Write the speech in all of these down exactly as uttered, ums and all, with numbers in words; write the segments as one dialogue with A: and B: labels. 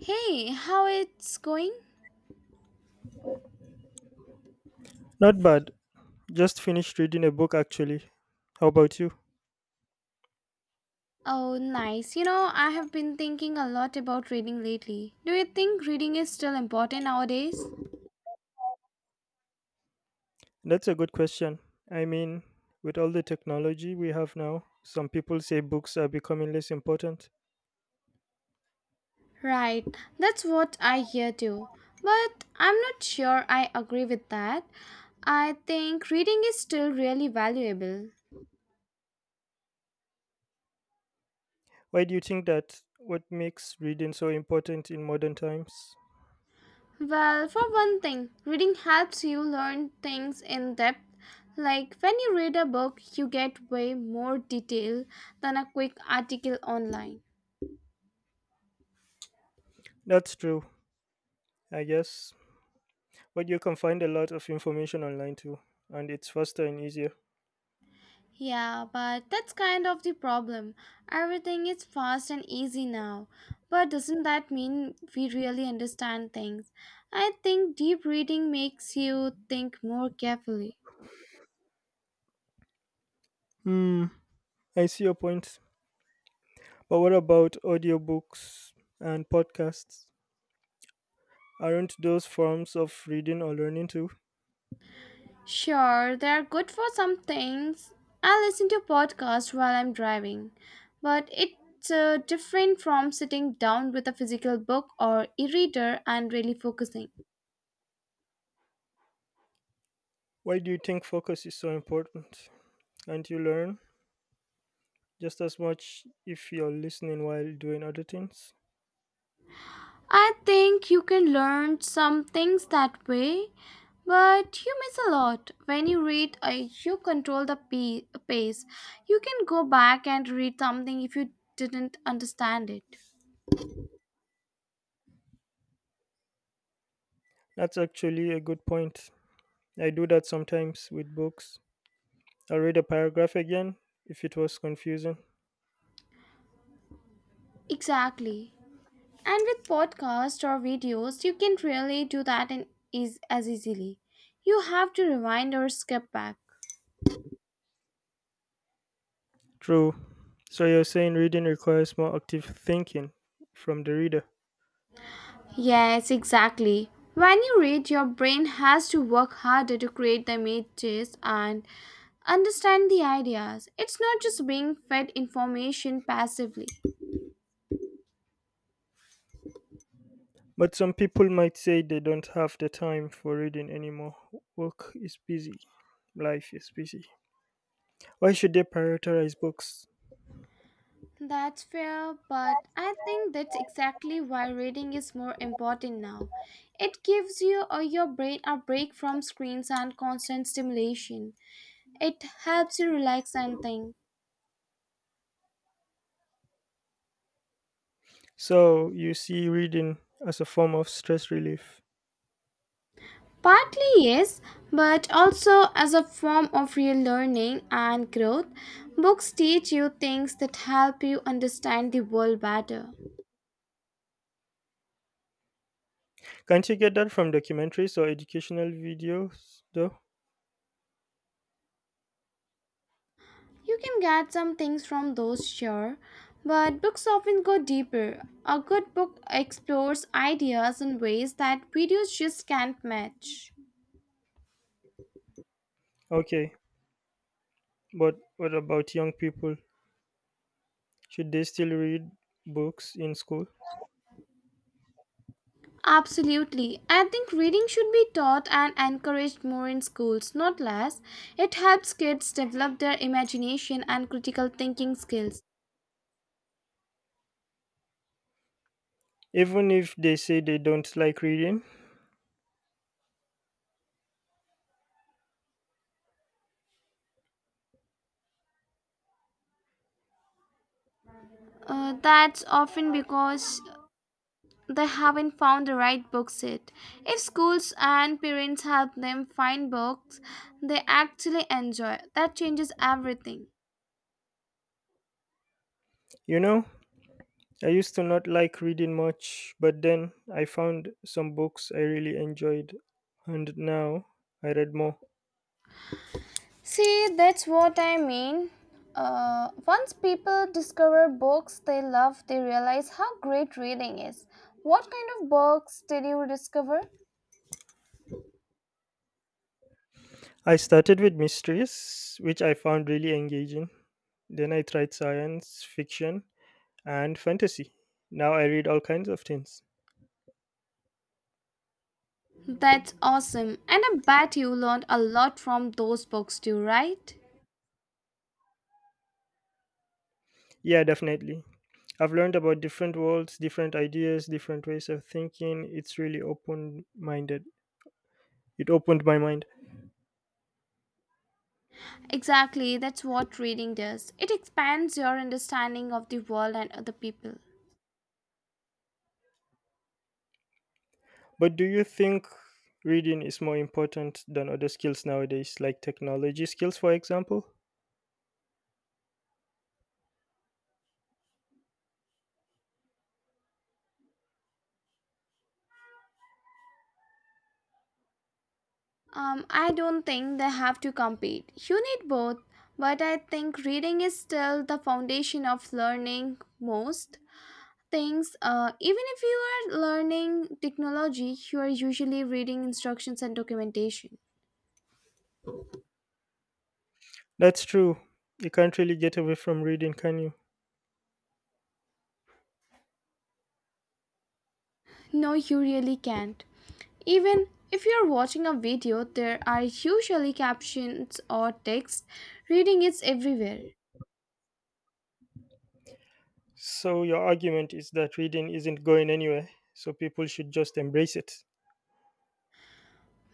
A: Hey, how it's going?
B: Not bad. Just finished reading a book actually. How about you?
A: Oh, nice. You know, I have been thinking a lot about reading lately. Do you think reading is still important nowadays?
B: That's a good question. I mean, with all the technology we have now, some people say books are becoming less important.
A: Right, that's what I hear too. But I'm not sure I agree with that. I think reading is still really valuable.
B: Why do you think that? What makes reading so important in modern times?
A: Well, for one thing, reading helps you learn things in depth. Like when you read a book, you get way more detail than a quick article online.
B: That's true, I guess. But you can find a lot of information online too, and it's faster and easier.
A: Yeah, but that's kind of the problem. Everything is fast and easy now. But doesn't that mean we really understand things? I think deep reading makes you think more carefully.
B: Hmm, I see your point. But what about audiobooks and podcasts? Aren't those forms of reading or learning too?
A: Sure, they're good for some things. I listen to podcasts while I'm driving, but it's uh, different from sitting down with a physical book or e reader and really focusing.
B: Why do you think focus is so important? Can't you learn just as much if you're listening while doing other things?
A: I think you can learn some things that way, but you miss a lot. When you read, uh, you control the pa- pace. You can go back and read something if you didn't understand it.
B: That's actually a good point. I do that sometimes with books. I'll read a paragraph again if it was confusing.
A: Exactly. And with podcasts or videos, you can really do that in, is, as easily. You have to rewind or skip back.
B: True. So you're saying reading requires more active thinking from the reader.
A: Yes, exactly. When you read, your brain has to work harder to create the images and understand the ideas. It's not just being fed information passively.
B: But some people might say they don't have the time for reading anymore. Work is busy, life is busy. Why should they prioritize books?
A: That's fair, but I think that's exactly why reading is more important now. It gives you or your brain a break from screens and constant stimulation. It helps you relax and think.
B: So you see reading as a form of stress relief.
A: Partly, yes, but also as a form of real learning and growth, books teach you things that help you understand the world better.
B: Can't you get that from documentaries or educational videos though?
A: You can get some things from those, sure, but books often go deeper. A good book explores ideas in ways that videos just can't match.
B: Okay, but what about young people? Should they still read books in school?
A: Absolutely. I think reading should be taught and encouraged more in schools, not less. It helps kids develop their imagination and critical thinking skills.
B: Even if they say they don't like reading?
A: Uh, that's often because they haven't found the right books yet. If schools and parents help them find books they actually enjoy, that changes everything.
B: You know, I used to not like reading much, but then I found some books I really enjoyed, and now I read more.
A: See, that's what I mean. Uh, once people discover books they love, they realize how great reading is. What kind of books did you discover?
B: I started with mysteries, which I found really engaging. Then I tried science fiction and fantasy. Now I read all kinds of things.
A: That's awesome. And I bet you learned a lot from those books too, right?
B: Yeah, definitely. I've learned about different worlds, different ideas, different ways of thinking. It's really open minded. It opened my mind.
A: Exactly, that's what reading does. It expands your understanding of the world and other people.
B: But do you think reading is more important than other skills nowadays, like technology skills, for example?
A: Um, I don't think they have to compete. You need both, but I think reading is still the foundation of learning most things. Uh, even if you are learning technology, you are usually reading instructions and documentation.
B: That's true. You can't really get away from reading, can you?
A: No, you really can't. Even if you're watching a video, there are usually captions or text. Reading is everywhere.
B: So your argument is that reading isn't going anywhere, so people should just embrace it.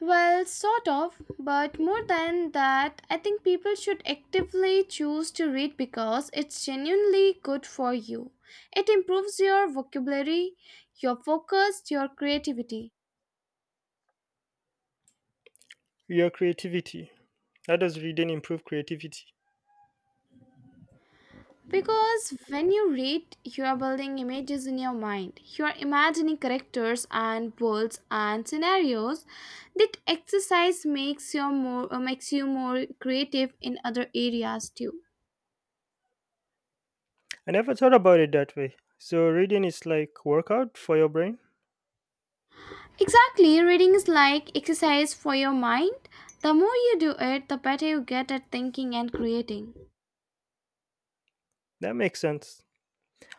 A: Well, sort of, but more than that, I think people should actively choose to read because it's genuinely good for you. It improves your vocabulary, your focus, your creativity.
B: Your creativity. How does reading improve creativity?
A: Because when you read, you are building images in your mind. You are imagining characters and worlds and scenarios. That exercise makes your more uh, makes you more creative in other areas too.
B: I never thought about it that way. So reading is like workout for your brain?
A: Exactly, reading is like exercise for your mind. The more you do it, the better you get at thinking and creating.
B: That makes sense.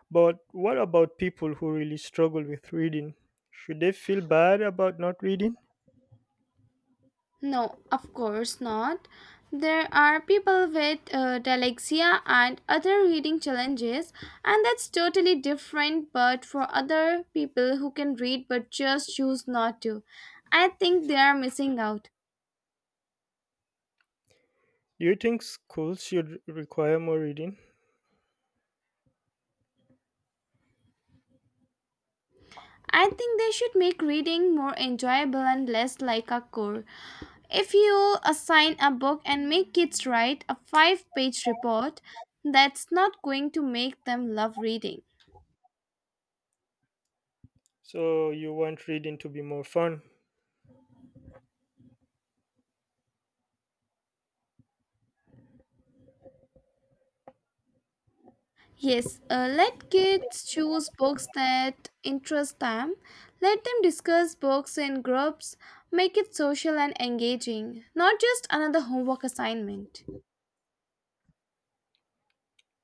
B: But what about people who really struggle with reading? Should they feel bad about not reading?
A: No, of course not. There are people with uh, dyslexia and other reading challenges, and that's totally different. But for other people who can read but just choose not to, I think they are missing out.
B: Do you think schools should require more reading?
A: I think they should make reading more enjoyable and less like a chore. If you assign a book and make kids write a five page report, that's not going to make them love reading.
B: So you want reading to be more fun?
A: Yes, uh, let kids choose books that interest them. Let them discuss books in groups. Make it social and engaging, not just another homework assignment.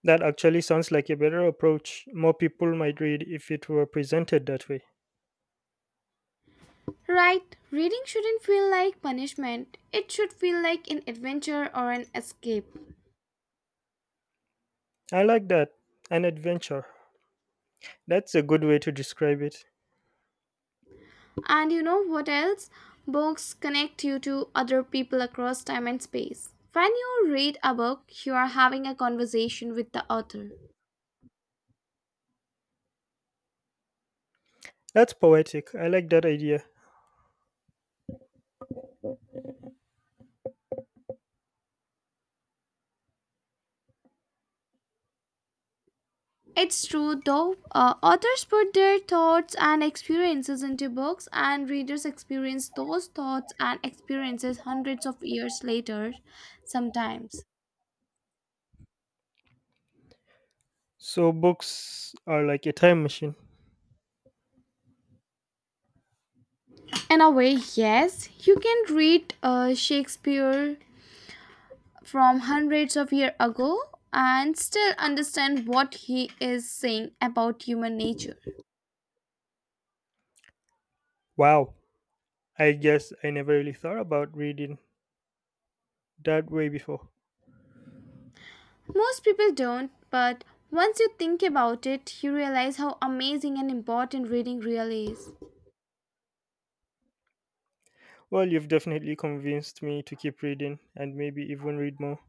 B: That actually sounds like a better approach. More people might read if it were presented that way.
A: Right, reading shouldn't feel like punishment, it should feel like an adventure or an escape.
B: I like that. An adventure. That's a good way to describe it.
A: And you know what else? Books connect you to other people across time and space. When you read a book, you are having a conversation with the author.
B: That's poetic. I like that idea.
A: It's true though, uh, authors put their thoughts and experiences into books, and readers experience those thoughts and experiences hundreds of years later sometimes.
B: So books are like a time machine.
A: In a way, yes, you can read uh, Shakespeare from hundreds of years ago and still understand what he is saying about human nature.
B: Wow. I guess I never really thought about reading that way before.
A: Most people don't, but once you think about it, you realize how amazing and important reading really is.
B: Well, you've definitely convinced me to keep reading and maybe even read more.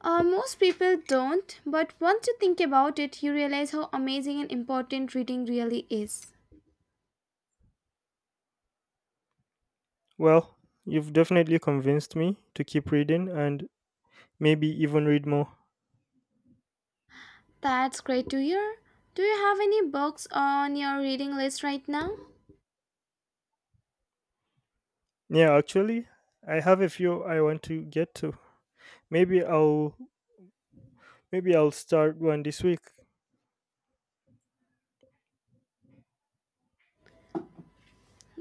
A: Uh, most people don't, but once you think about it, you realize how amazing and important reading really is.
B: Well, you've definitely convinced me to keep reading and maybe even read more.
A: That's great to hear. Do you have any books on your reading list right now?
B: Yeah, actually, I have a few I want to get to. Maybe I'll maybe I'll start one this week.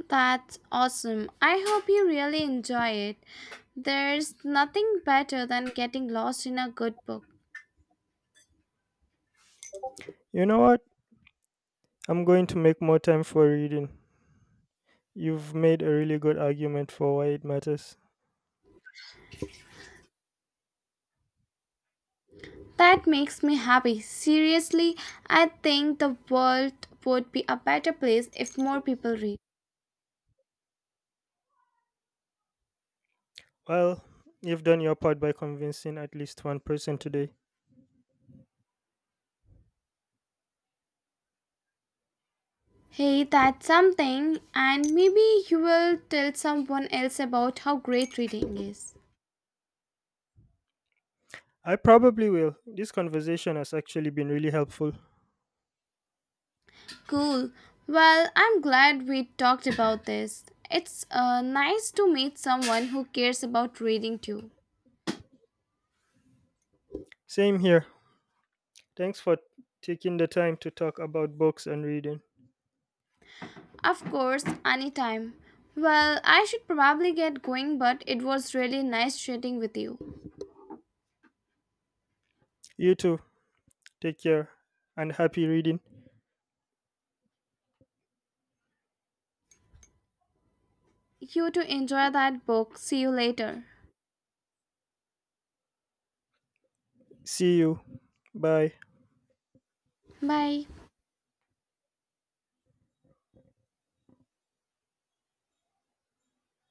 A: That's awesome. I hope you really enjoy it. There's nothing better than getting lost in a good book.
B: You know what? I'm going to make more time for reading. You've made a really good argument for why it matters.
A: That makes me happy. Seriously, I think the world would be a better place if more people read.
B: Well, you've done your part by convincing at least one person today.
A: Hey, that's something, and maybe you will tell someone else about how great reading is.
B: I probably will. This conversation has actually been really helpful.
A: Cool. Well, I'm glad we talked about this. It's uh, nice to meet someone who cares about reading too.
B: Same here. Thanks for taking the time to talk about books and reading.
A: Of course, anytime. Well, I should probably get going, but it was really nice chatting with you.
B: You too. Take care and happy reading.
A: You too, enjoy that book. See you later.
B: See you. Bye.
A: Bye.